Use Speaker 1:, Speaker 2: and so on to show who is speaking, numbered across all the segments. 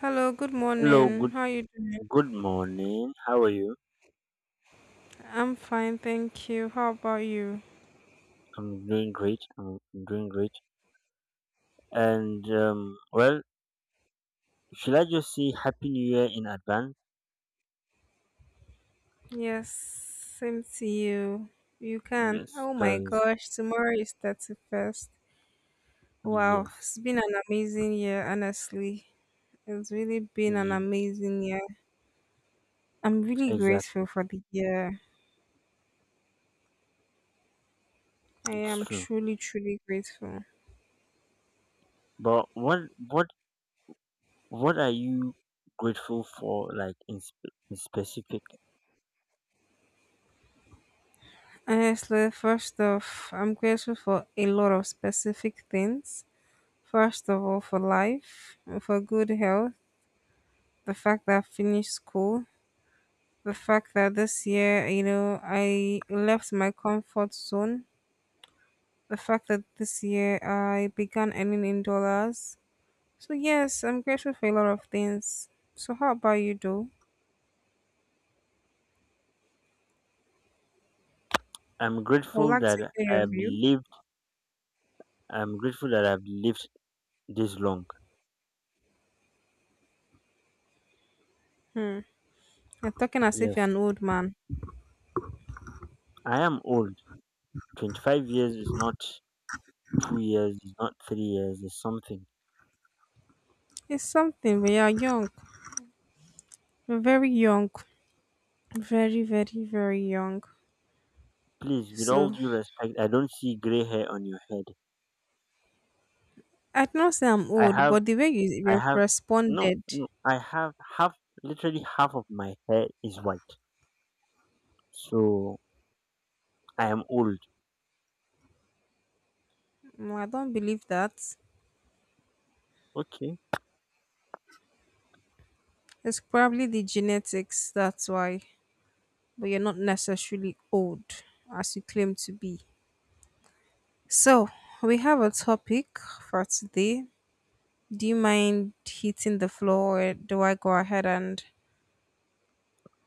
Speaker 1: Hello, good
Speaker 2: Hello,
Speaker 1: morning.
Speaker 2: good
Speaker 1: How you doing?
Speaker 2: good morning. How are you?
Speaker 1: I'm fine, thank you. How about you?
Speaker 2: I'm doing great. I'm doing great. And well, should I just say Happy New Year in advance?
Speaker 1: Yes, same to you. You can.
Speaker 2: Yes,
Speaker 1: Oh my
Speaker 2: because
Speaker 1: gosh, tomorrow is 31st. Wow,
Speaker 2: yes,
Speaker 1: it's been an amazing year, honestly. It's really been an
Speaker 2: yeah,
Speaker 1: amazing year. I'm really grateful
Speaker 2: exactly.
Speaker 1: for the year. I
Speaker 2: It's
Speaker 1: am
Speaker 2: true.
Speaker 1: truly, truly grateful.
Speaker 2: But what what are you grateful for? Like in specific,
Speaker 1: Honestly, first off, I'm grateful for a lot of specific things. First of all, for life, for good health, the fact that I finished school, the fact that this year, you know, I left my comfort zone, the fact that this year I began earning in dollars. So, yes, I'm grateful for a lot of things. So, how about you, though?
Speaker 2: I'm
Speaker 1: I would
Speaker 2: grateful
Speaker 1: like to
Speaker 2: that
Speaker 1: hear your
Speaker 2: I've
Speaker 1: view.
Speaker 2: lived. I'm grateful that I've lived this long.
Speaker 1: Hmm. You're talking as if you're
Speaker 2: Yes,
Speaker 1: an old man.
Speaker 2: I am old. 25 years is not 2 years, it's not 3 years, it's something.
Speaker 1: It's something, we are young. We're very young. Very, very, very young.
Speaker 2: Please, with all
Speaker 1: So,
Speaker 2: due respect, I don't see gray hair on your head.
Speaker 1: I do not say I'm
Speaker 2: I
Speaker 1: old,
Speaker 2: have,
Speaker 1: but the way you
Speaker 2: I
Speaker 1: you
Speaker 2: have, no,
Speaker 1: responded,
Speaker 2: no, I have half, literally half of my hair is white. So I am old.
Speaker 1: no, I don't believe that.
Speaker 2: Okay,
Speaker 1: It's probably the genetics, that's why. But you're not necessarily old as you claim to be. So, we have a topic for today. Do you mind hitting the floor or do I go ahead and.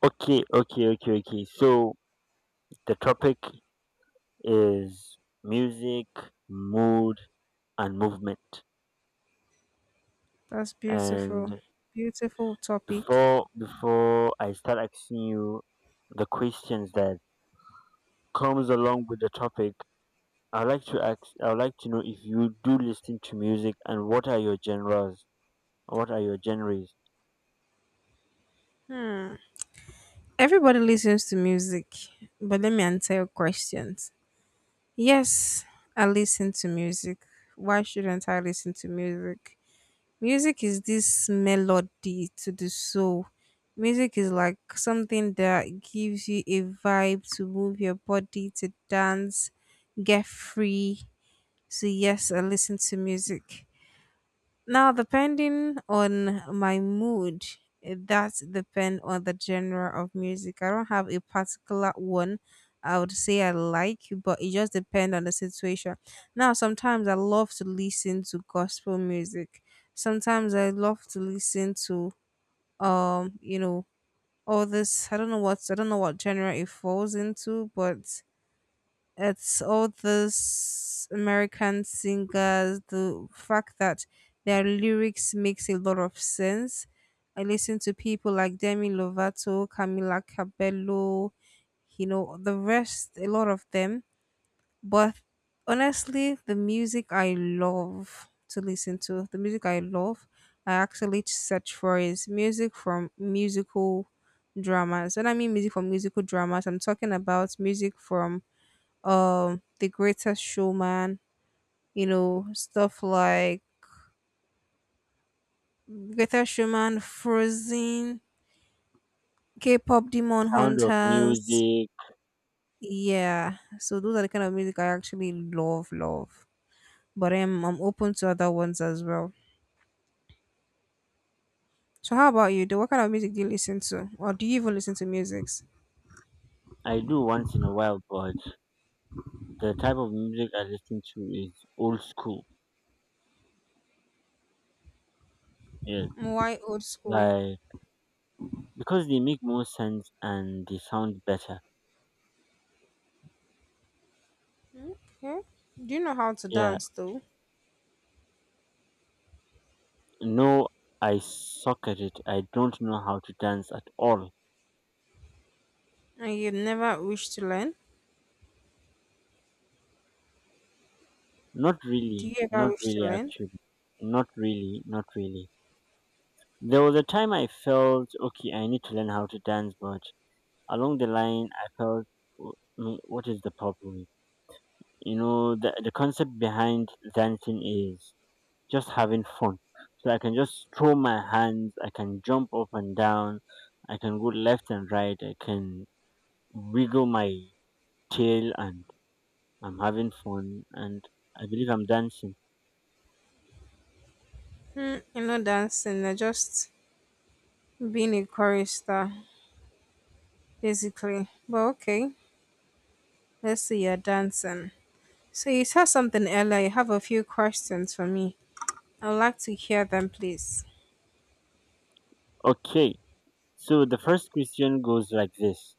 Speaker 2: okay, okay, okay, okay. So the topic is music, mood, and movement.
Speaker 1: That's beautiful.
Speaker 2: And
Speaker 1: Beautiful topic.
Speaker 2: before I start asking you the questions that comes along with the topic, I'd like to know if you do listen to music and what are your genres? What are your genres?
Speaker 1: Hmm. Everybody listens to music, but let me answer your questions. Yes, I listen to music. Why shouldn't I listen to music? Music is this melody to the soul. Music is like something that gives you a vibe to move your body, to dance, get free. So, yes, I listen to music. Now, depending on my mood, it does depend on the genre of music. I don't have a particular one I would say I like, but it just depends on the situation. Now, sometimes I love to listen to gospel music. Sometimes I love to listen to you know, all this I don't know what genre it falls into, but it's all those American singers, the fact that their lyrics makes a lot of sense. I listen to people like Demi Lovato, Camila Cabello, you know, the rest, a lot of them. But honestly, the music I love to listen to, the music I love, I actually search for is music from musical dramas. When I mean music from musical dramas, I'm talking about music from the Greater Showman, you know, stuff like Greater Showman, Frozen, K-pop Demon
Speaker 2: Sound of
Speaker 1: Hunters.
Speaker 2: music.
Speaker 1: Yeah, so those are the kind of music I actually love, love. But I'm open to other ones as well. So how about you? Do What kind of music do you listen to, or do you even listen to musics?
Speaker 2: I do once in a while, but the type of music I listen to is old school. Yes.
Speaker 1: Why old school?
Speaker 2: Like, because they make more sense and they sound better.
Speaker 1: Okay. Do you know how to
Speaker 2: Yeah.
Speaker 1: dance though?
Speaker 2: No, I suck at it. I don't know how to dance at all.
Speaker 1: And you never wish to learn?
Speaker 2: Not
Speaker 1: Do
Speaker 2: really.
Speaker 1: you ever
Speaker 2: Not
Speaker 1: wish to
Speaker 2: really,
Speaker 1: learn?
Speaker 2: actually. Not really. Not really. There was a time I felt, okay, I need to learn how to dance, but along the line, I felt, "W- what is the problem? The concept behind dancing is just having fun. So I can just throw my hands, I can jump up and down, I can go left and right, I can wiggle my tail, and I'm having fun, and I believe I'm dancing."
Speaker 1: Hmm, you know dancing. I just being a chorister, basically. But okay, let's see you're dancing. So you said something earlier. You have a few questions for me. I'd like to hear them, please.
Speaker 2: Okay, so the first question goes like this: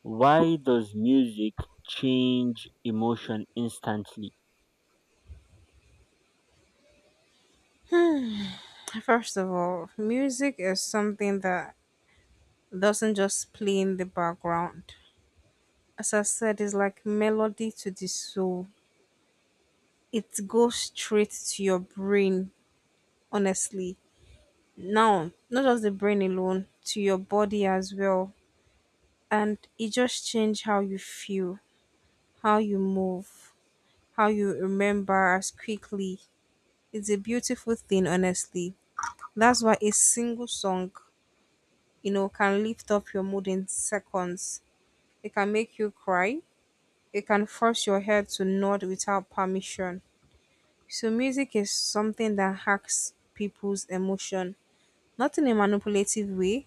Speaker 2: why does music change emotion instantly?
Speaker 1: First of all, music is something that doesn't just play in the background. As I said, it's like melody to the soul. It goes straight to your brain, honestly. Now, not just the brain alone, to your body as well. And it just changes how you feel, how you move, how you remember us quickly. It's a beautiful thing, honestly. That's why a single song, you know, can lift up your mood in seconds. It can make you cry. It can force your head to nod without permission. So music is something that hacks people's emotion, not in a manipulative way,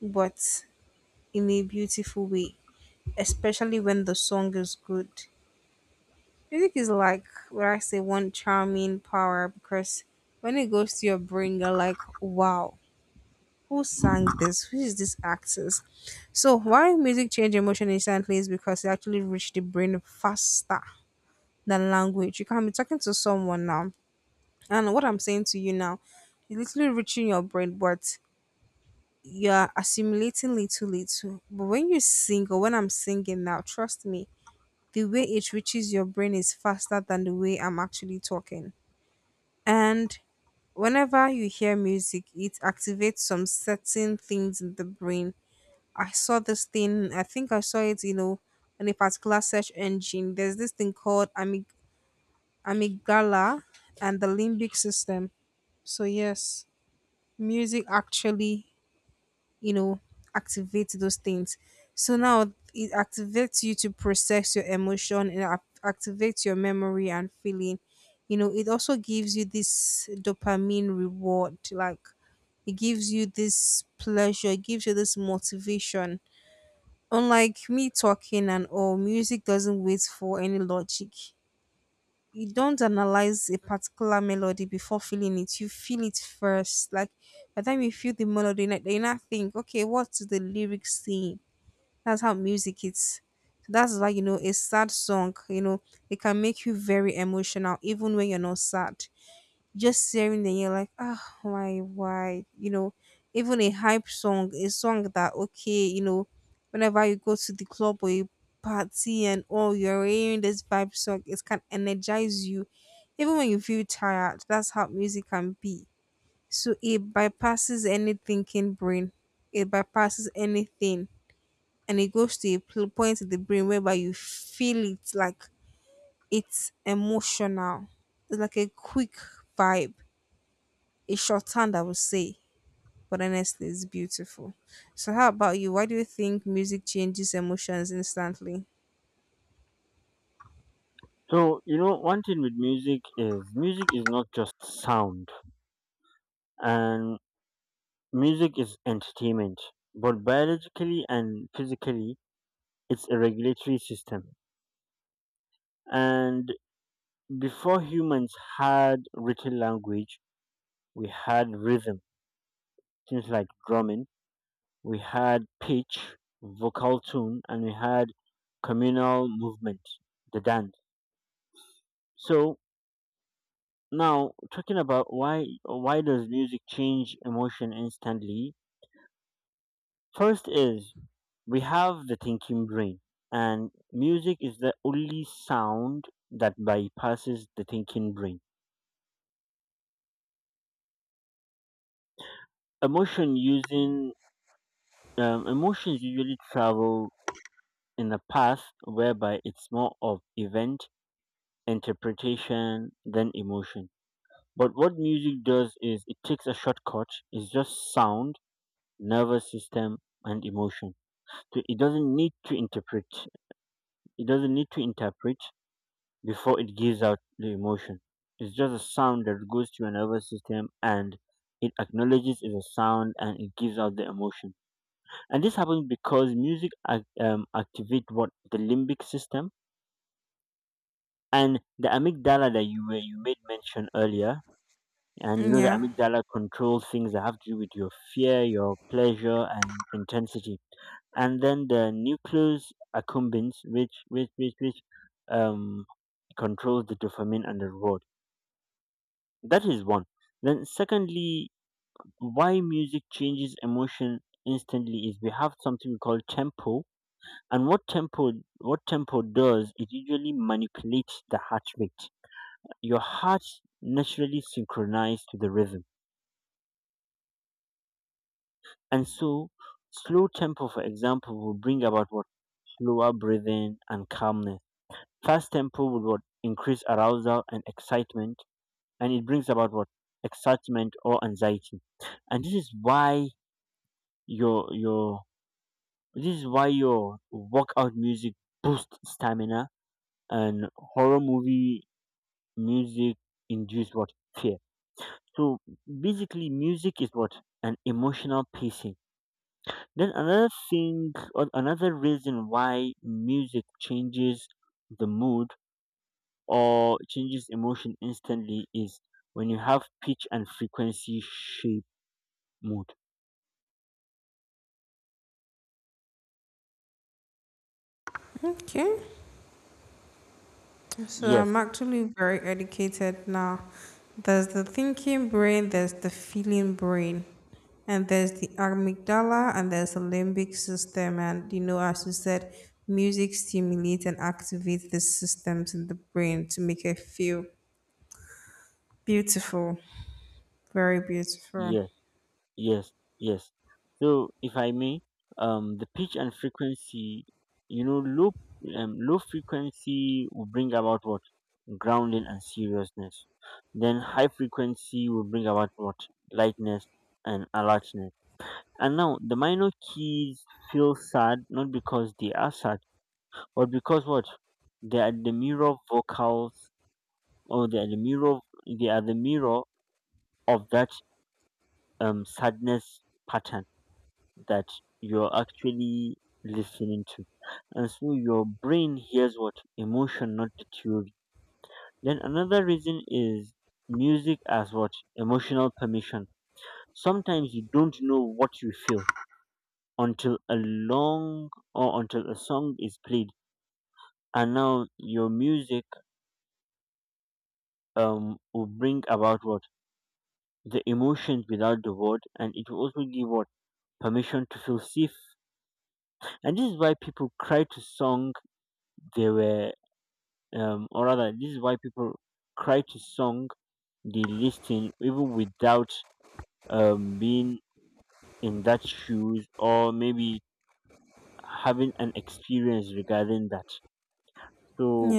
Speaker 1: but in a beautiful way, especially when the song is good. Music is like what I say one charming power because when it goes to your brain, you're like, wow, who sang this? Who is this actress? So why music change emotion instantly is because it actually reached the brain faster than language. You can be talking to someone now, and what I'm saying to you now, it's literally reaching your brain, but you're assimilating little little. But when you sing or when I'm singing now, trust me, the way it reaches your brain is faster than the way I'm actually talking. And whenever you hear music, it activates some certain things in the brain. I saw this thing, I think I saw it, you know, on a particular search engine. There's this thing called amygdala and the limbic system. So, yes, music actually, you know, activates those things. So now it activates you to process your emotion and activates your memory and feeling, you know, it also gives you this dopamine reward, like it gives you this pleasure, it gives you this motivation. Unlike me talking and all, music doesn't wait for any logic. You don't analyze a particular melody before feeling it, you feel it first. Like, by the time you feel the melody, you not think, okay, what's the lyrics saying? That's how music is. So that's why, you know, a sad song, you know, it can make you very emotional even when you're not sad, just hearing, and you're like, ah, why, why? You know, even a hype song, a song that okay, you know, whenever you go to the club or a party and all, you're hearing this vibe song, it can energize you, even when you feel tired. That's how music can be. So it bypasses any thinking brain, it bypasses anything, and it goes to a point in the brain whereby you feel it, like it's emotional. It's like a quick vibe, a shorthand, I would say, but honestly, it's beautiful. So, how about you? Why do you think music changes emotions instantly?
Speaker 2: So, you know, one thing with music is: music is not just sound, and music is entertainment, but biologically and physically, it's a regulatory system. And before humans had written language, we had rhythm, things like drumming. We had pitch, vocal tone, and we had communal movement, the dance. So, now, talking about why does music change emotion instantly? First is, we have the thinking brain, and music is the only sound that bypasses the thinking brain. Emotion using Emotions usually travel in a path whereby it's more of event interpretation than emotion. But what music does is, it takes a shortcut. It's just sound, nervous system, and emotion. To It doesn't need to interpret, it doesn't need to interpret before it gives out the emotion. It's just a sound that goes to your nervous system, and it acknowledges it's a sound, and it gives out the emotion. And this happens because music activate what? The limbic system and the amygdala that you made mention earlier. And you know, the
Speaker 1: Yeah,
Speaker 2: amygdala controls things that have to do with your fear, your pleasure, and intensity. And then the nucleus accumbens, which um, controls the dopamine and the reward. That is one. Then secondly, why music changes emotion instantly is, we have something we call tempo, and what tempo does, it usually manipulates the heart rate. Your heart naturally synchronized to the rhythm, and so slow tempo, for example, will bring about what? Slower breathing and calmness. Fast tempo will what? Increase arousal and excitement, and it brings about what? Excitement or anxiety. And your your this is why your workout music boosts stamina, and horror movie music induce what? Fear. So basically, music is what? An emotional pacing. Then another thing, or another reason why music changes the mood or changes emotion instantly, is when you have pitch and frequency shape mood.
Speaker 1: okay. So, I'm
Speaker 2: Yes,
Speaker 1: actually very educated now. There's the thinking brain, there's the feeling brain, and there's the amygdala, and there's the limbic system. And, you know, as you said, music stimulates and activates the systems in the brain to make it feel beautiful, very beautiful.
Speaker 2: yes, yes, yes. So if I may, the pitch and frequency, you know, low low frequency will bring about what? Grounding and seriousness. Then high frequency will bring about what? Lightness and alertness. And now the minor keys feel sad not because they are sad but because what? They are the mirror vocals, or they are the mirror of that sadness pattern that you're actually listening to. And so your brain hears what? Emotion, not the theory. Then another reason is, music as what? Emotional permission. Sometimes you don't know what you feel until a long or until a song is played, and now your music will bring about what? The emotions without the word, and it will also give what? Permission to feel safe. And this is why people cry to song they were, or rather, this is why people cry to song they listen even without being in that shoes, or maybe having an experience regarding that. So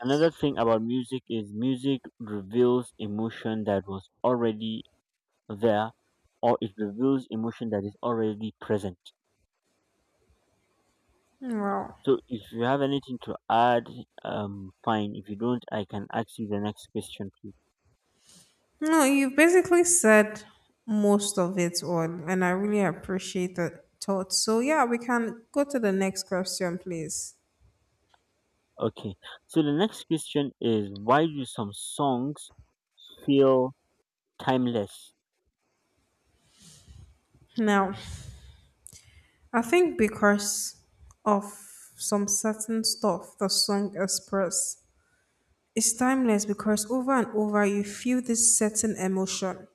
Speaker 2: another thing about music is, music reveals emotion that was already there, or it reveals emotion that is already present.
Speaker 1: Well,
Speaker 2: So if you have anything to add, fine. If you don't, I can ask you the next question, please.
Speaker 1: no, you basically said most of it all, and I really appreciate the thought. So, yeah, we can go to the next question, please.
Speaker 2: Okay. So the next question is: why do some songs feel timeless?
Speaker 1: Now, I think because of some certain stuff the song express is timeless because over and over you feel this certain emotion.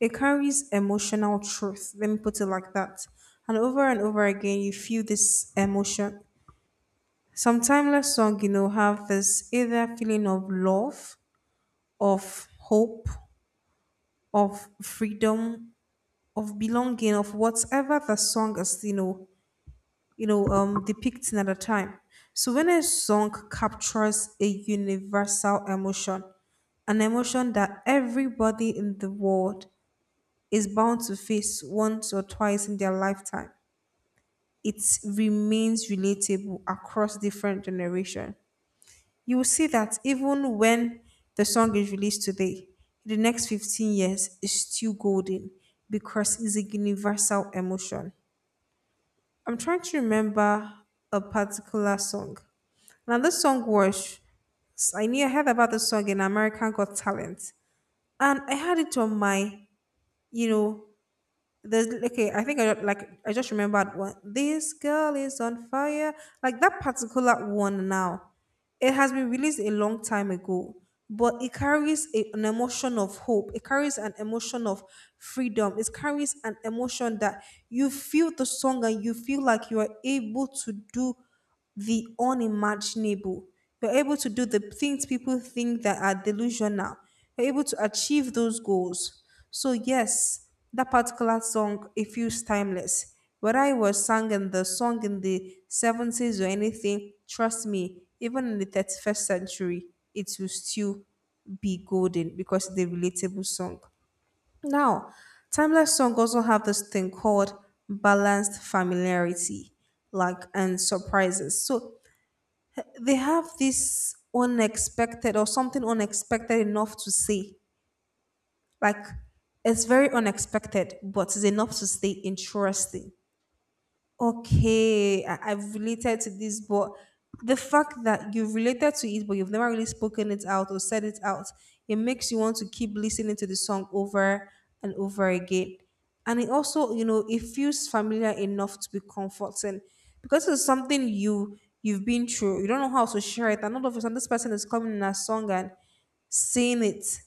Speaker 1: It carries emotional truth. Let me put it like that. And over again you feel this emotion. Some timeless song, you know, have this either feeling of love, of hope, of freedom, of belonging, of whatever the song is, you know, depicting at a time. So when a song captures a universal emotion, an emotion that everybody in the world is bound to face once or twice in their lifetime. It remains relatable across different generations. You will see that even when the song is released today, in the next 15 years, it's still golden because it's a universal emotion. I'm trying to remember a particular song. Now, this song was, I knew I heard about this song in American Got Talent, and I had it on my, you know, there's okay, I think I like I just remembered one, This Girl Is on Fire. Like that particular one now, it has been released a long time ago, but it carries a, an emotion of hope, it carries an emotion of freedom, it carries an emotion that you feel the song and you feel like you are able to do the unimaginable. You're able to do the things people think that are delusional. You're able to achieve those goals. So yes, that particular song it feels timeless. Whether it was sung in the song in the 70s or anything, trust me, even in the 31st century, it will still be golden because it's a relatable song. Now, timeless songs also have this thing called balanced familiarity, like and surprises. So they have this unexpected or something unexpected enough to say. Like it's very unexpected, but it's enough to stay interesting. Okay, I've related to this, but the fact that you've related to it, but you've never really spoken it out or said it out, it makes you want to keep listening to the song over and over again. And it also, you know, it feels familiar enough to be comforting because it's something you've been through. You don't know how to share it, and all of a sudden, this person is coming in a song and saying it.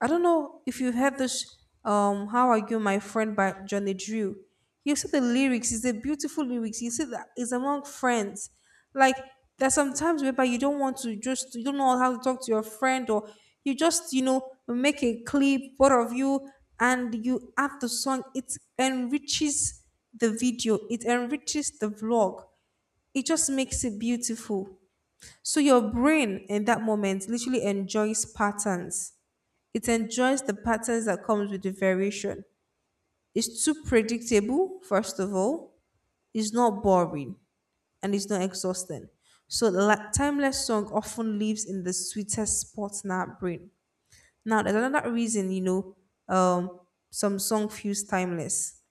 Speaker 1: I don't know if you've heard this. How Are You, My Friend? By Johnny Drew. You see the lyrics. It's a beautiful lyrics. You see that it's among friends. Like there's sometimes whereby you don't want to just you don't know how to talk to your friend or you just you know make a clip both of you and you add the song. It enriches the video. It enriches the vlog. It just makes it beautiful. So your brain in that moment literally enjoys patterns, it enjoys the patterns that comes with the variation. It's too predictable, first of all. It's not boring and it's not exhausting. So the timeless song often lives in the sweetest spot in our brain. Now, there's another reason, um, some song feels timeless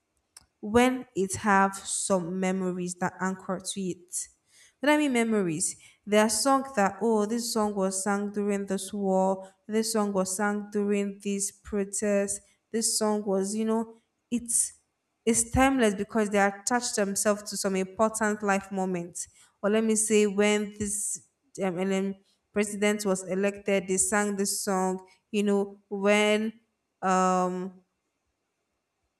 Speaker 1: when it have some memories that anchor to it. What I mean memories, there are songs that, oh, this song was sung during this war, this song was sung during this protest, this song was, it's it's timeless because they attach themselves to some important life moments. Or let me say when this and then president was elected, they sang this song, you know, when um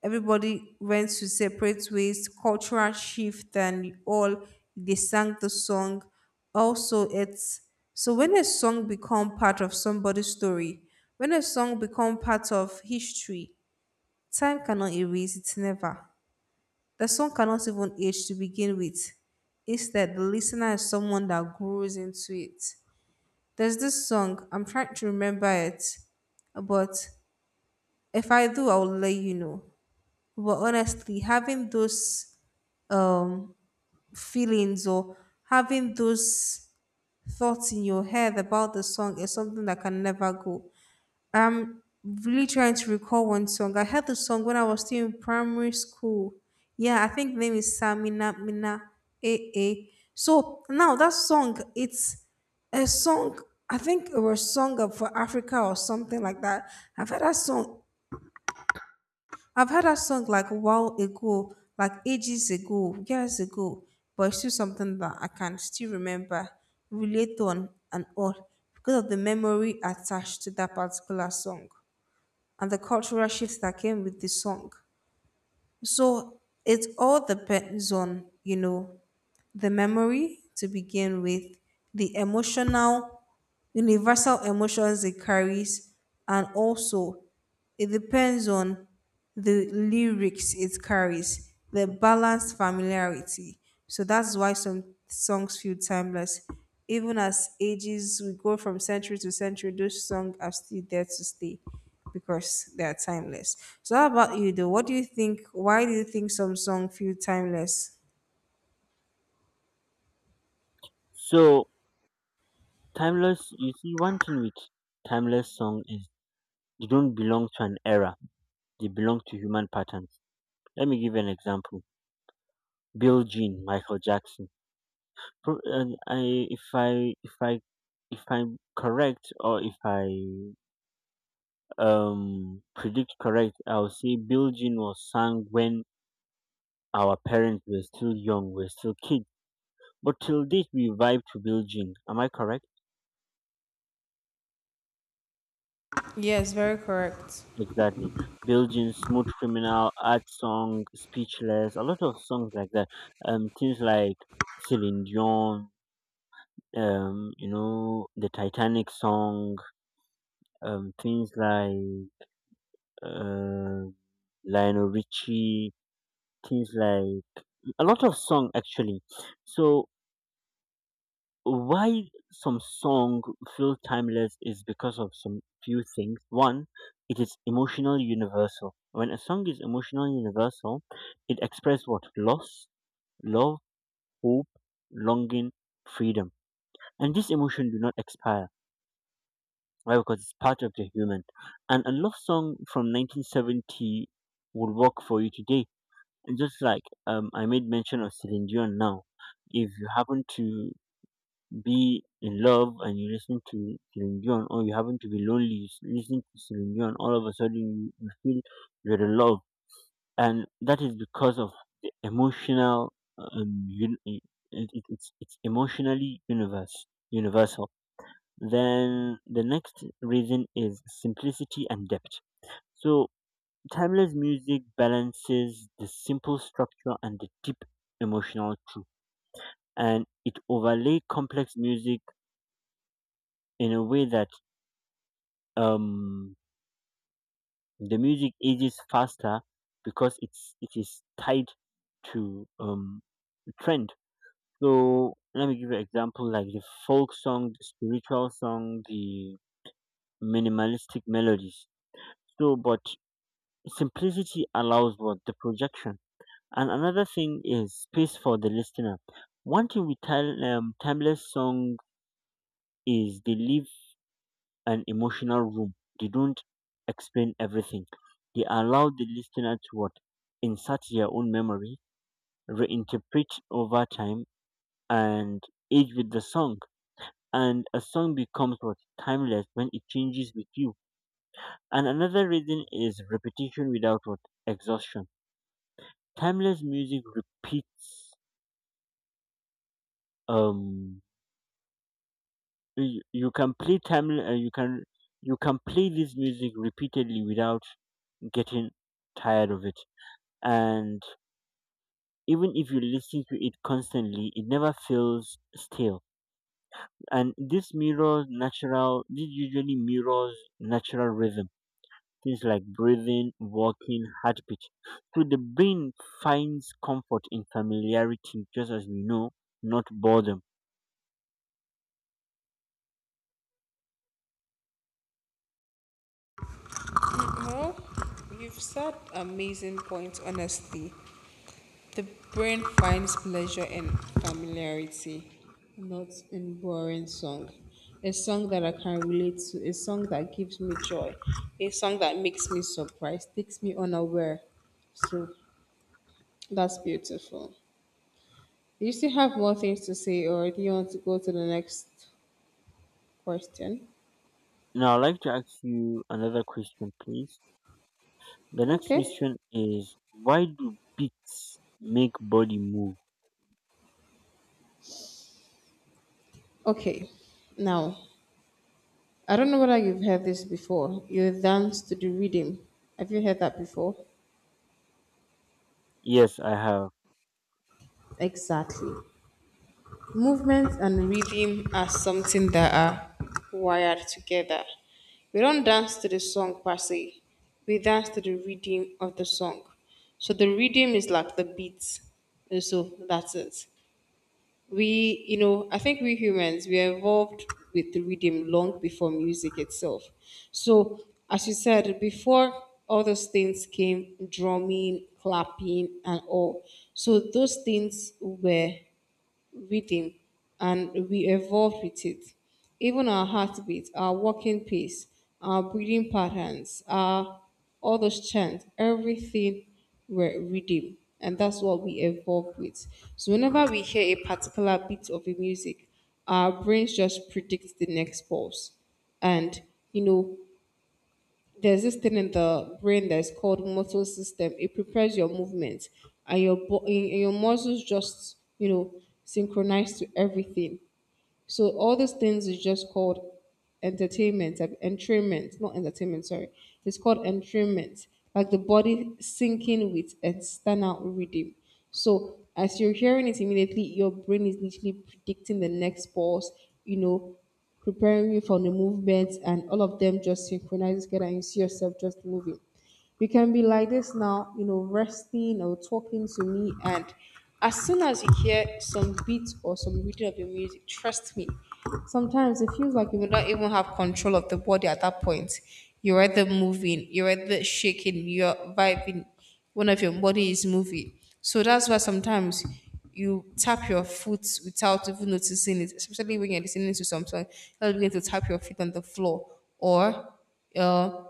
Speaker 1: everybody went to separate ways, cultural shift, and all they sang the song. Also, it's so when a song become part of somebody's story, when a song become part of history, time cannot erase it. Never. The song cannot even age to begin with. Instead, the listener is someone that grows into it. There's this song, I'm trying to remember it, but if I do, I will let you know. But honestly, having those um, feelings or having those thoughts in your head about the song is something that can never go. I'm really trying to recall one song. I heard the song when I was still in primary school. Yeah, I think the name is Samina Mina A. So now that song, it's a song. I think it was song of for Africa or something like that. I've heard that song I've heard that song like a while ago, like ages ago, years ago, but it's still something that I can still remember, relate on, and all because of the memory attached to that particular song and the cultural shifts that came with the song. So it all depends on, the memory to begin with, the emotional, universal emotions it carries, and also it depends on the lyrics it carries, the balanced familiarity. So that's why some songs feel timeless. Even as ages, we go from century to century, those songs are still there to stay because they are timeless. So how about you though? What do you think? Why do you think some songs feel timeless?
Speaker 2: So timeless, you see, one thing with timeless song is, they don't belong to an era. They belong to human patterns. Let me give you an example. Bill Jean, Michael Jackson. Pro- and I, if I, if I, If I'm correct, or if I predict correct, I'll say Bilgin was sung when our parents were still young, we're still kids. But till date, we vibe to Bilgin. Am I correct?
Speaker 1: Yes, very correct.
Speaker 2: Exactly. Bilgin, Smooth Criminal, Art Song, Speechless, a lot of songs like that. Things like Celine Dion, the Titanic song, things like uh, Lionel Richie, things like a lot of song actually. So why some song feel timeless is because of some few things. One, it is emotional universal. When a song is emotional universal, it expresses what? Loss, love, hope, longing, freedom, and this emotion do not expire. Why? Because it's part of the human. And a love song from 1970 would work for you today. And just like I made mention of Celine Dion now, if you happen to be in love and you listen to Celine Dion, or you happen to be lonely, you listen to Celine Dion, all of a sudden, you feel you're in love, and that is because of the emotional. Um, un- it, it's emotionally universe universal. Then the next reason is simplicity and depth. So timeless music balances the simple structure and the deep emotional truth, and it overlay complex music in a way that um the music ages faster because it is tied to trend. So let me give you an example, like the folk song, the spiritual song, the minimalistic melodies. So but simplicity allows what? The projection. And another thing is space for the listener. One thing with timeless song is, they leave an emotional room. They don't explain everything. They allow the listener to what? Insert their own memory, reinterpret over time, and age with the song. And a song becomes what? Timeless when it changes with you. And another reason is repetition without what? Exhaustion. Timeless music repeats. Um, you can play timeless. You can play this music repeatedly without getting tired of it, and even if you listen to it constantly, it never feels stale. And this usually mirrors natural rhythm, things like breathing, walking, heartbeat. So the brain finds comfort in familiarity, just as not boredom.
Speaker 1: Well, you've said amazing points, honestly. The brain finds pleasure in familiarity, not in boring song. A song that I can relate to, a song that gives me joy, a song that makes me surprised, takes me unaware. So that's beautiful. Do you still have more things to say, or do you want to go to the next question?
Speaker 2: Now I'd like to ask you another question, please. The next
Speaker 1: Okay.
Speaker 2: question is: why do beats make body move?
Speaker 1: Okay. Now, I don't know whether you've heard this before. You dance to the rhythm. Have you heard that before?
Speaker 2: Yes, I have.
Speaker 1: Exactly. Movement and rhythm are something that are wired together. We don't dance to the song per se, we dance to the rhythm of the song. So the rhythm is like the beat. And so that's it. We, I think we humans, we evolved with the rhythm long before music itself. So, as you said, before all those things came drumming, clapping, and all. So, those things were rhythm and we evolve with it. Even our heartbeat, our walking pace, our breathing patterns, our all those chants, everything were rhythm. And that's what we evolve with. So whenever we hear a particular beat of a music, our brains just predict the next pulse. And you know, there's this thing in the brain that's called motor system. It prepares your movements and your and your muscles just synchronize to everything. So all these things is just called entertainment, entrainment, not entertainment, sorry. It's called entrainment, like the body syncing with external rhythm. So as you're hearing it immediately, your brain is literally predicting the next pulse, you know, preparing you for the movements and all of them just synchronize together and you see yourself just moving. You can be like this now, resting or talking to me. And as soon as you hear some beat or some reading of your music, trust me, sometimes it feels like you do not even have control of the body at that point. You're either moving, you're either shaking, you're vibing, one of your body is moving. So that's why sometimes you tap your foot without even noticing it, especially when you're listening to something, you'll begin to tap your feet on the floor or uh,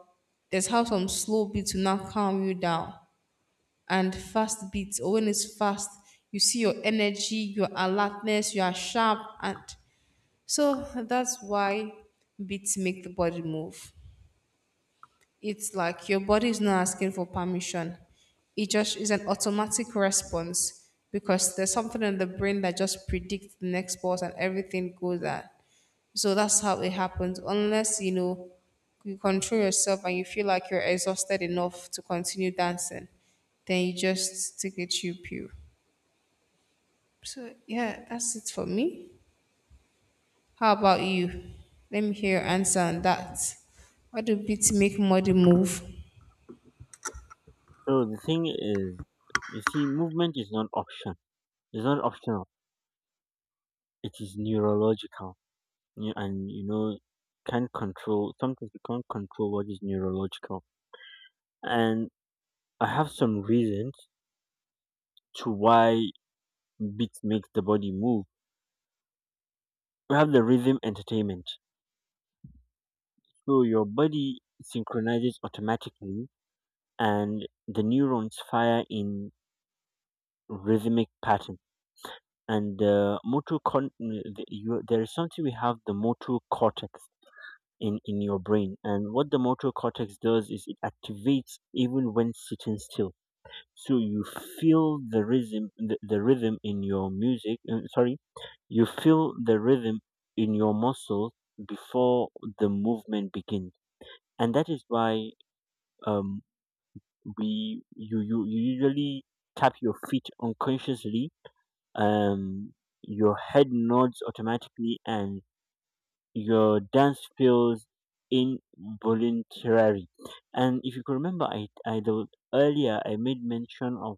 Speaker 1: there's how some slow beats will now calm you down and fast beats, or when it's fast, you see your energy, your alertness, you are sharp and so that's why beats make the body move. It's like your body is not asking for permission. It just is an automatic response because there's something in the brain that just predicts the next pulse and everything goes that. So that's how it happens. Unless you control yourself and you feel like you're exhausted enough to continue dancing, then you just take a chill pill. So yeah, that's it for me. How about you? Let me hear your answer on that. Why do beats make body move?
Speaker 2: So the thing is, you see, movement is not option. It's not optional. It is neurological. You, and can't control. Sometimes you can't control what is neurological. And I have some reasons to why beats make the body move. We have the rhythm entertainment. So your body synchronizes automatically, and the neurons fire in rhythmic pattern. And the motor con- the, you, there is something, we have the motor cortex in your brain, and what the motor cortex does is it activates even when sitting still. So you feel the rhythm, the rhythm in your music, sorry, you feel the rhythm in your muscles before the movement begins. And that is why um you usually tap your feet unconsciously, um your head nods automatically, and your dance feels involuntary. And if you could remember, earlier I made mention of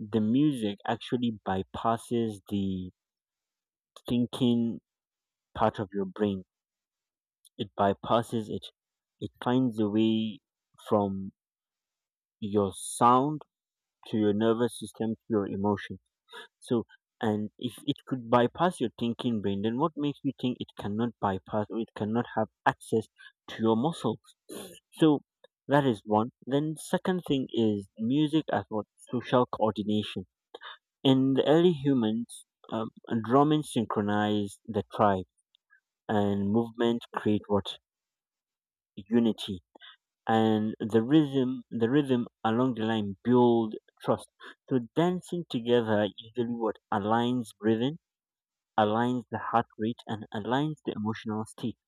Speaker 2: the music actually bypasses the thinking part of your brain. It bypasses it. It finds a way from your sound to your nervous system to your emotion. So, and if it could bypass your thinking brain, then what makes you think it cannot bypass or it cannot have access to your muscles? So, that is one. Then, second thing is, music as what? Social coordination. In the early humans, um, drumming synchronized the tribe, and movement create what? Unity, and the rhythm along the line build trust. So, dancing together usually what? Aligns breathing, aligns the heart rate, and aligns the emotional state.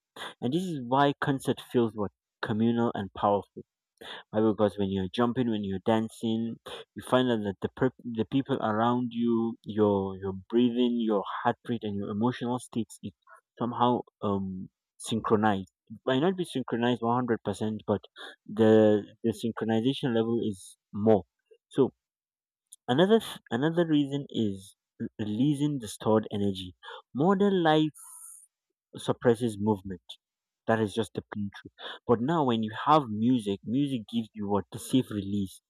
Speaker 2: And this is why concert feels what? Communal and powerful. Why? Because when you're jumping, when you're dancing, you find out that the people around you, your breathing, your heart rate, and your emotional states is somehow synchronized. It might not be synchronized 100%, but the synchronization level is more. So another reason is releasing the stored energy. Modern life suppresses movement. That is just the plain truth. But now, when you have music, music gives you what? The safe release.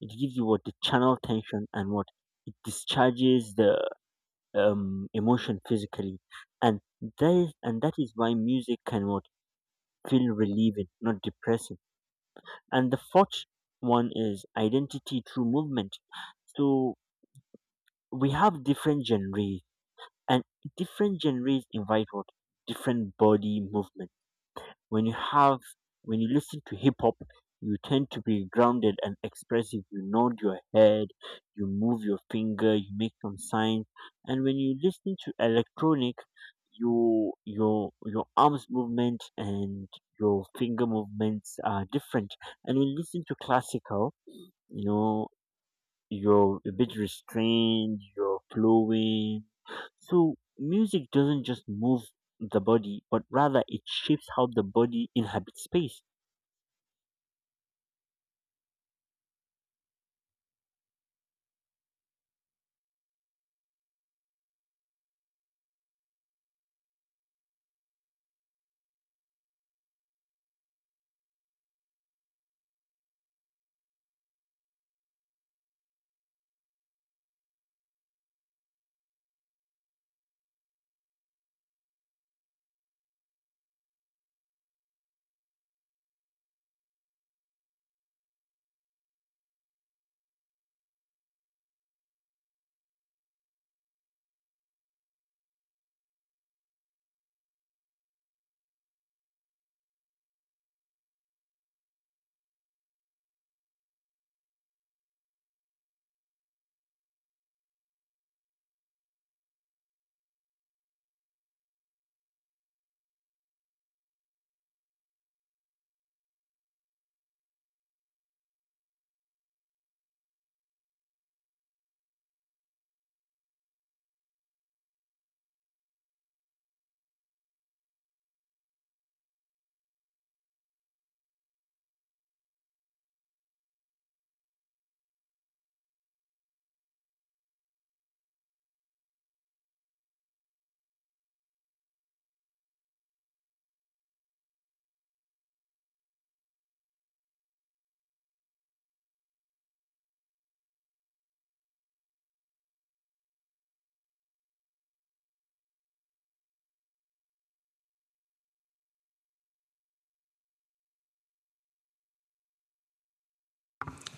Speaker 2: It gives you what? The channel tension, and what? It discharges the emotion physically, and that is why music can what? Feel relieving, not depressing. And the fourth one is identity through movement. So we have different genres, and different genres invite what? Different body movement. when you have when you listen to hip hop, you tend to be grounded and expressive, you nod your head, you move your finger, you make some signs. And when you listen to electronic, your arms movement and your finger movements are different. And when you listen to classical, you know you're a bit restrained, you're flowing. So music doesn't just move the body, but rather it shapes how the body inhabits space.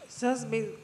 Speaker 1: It's just me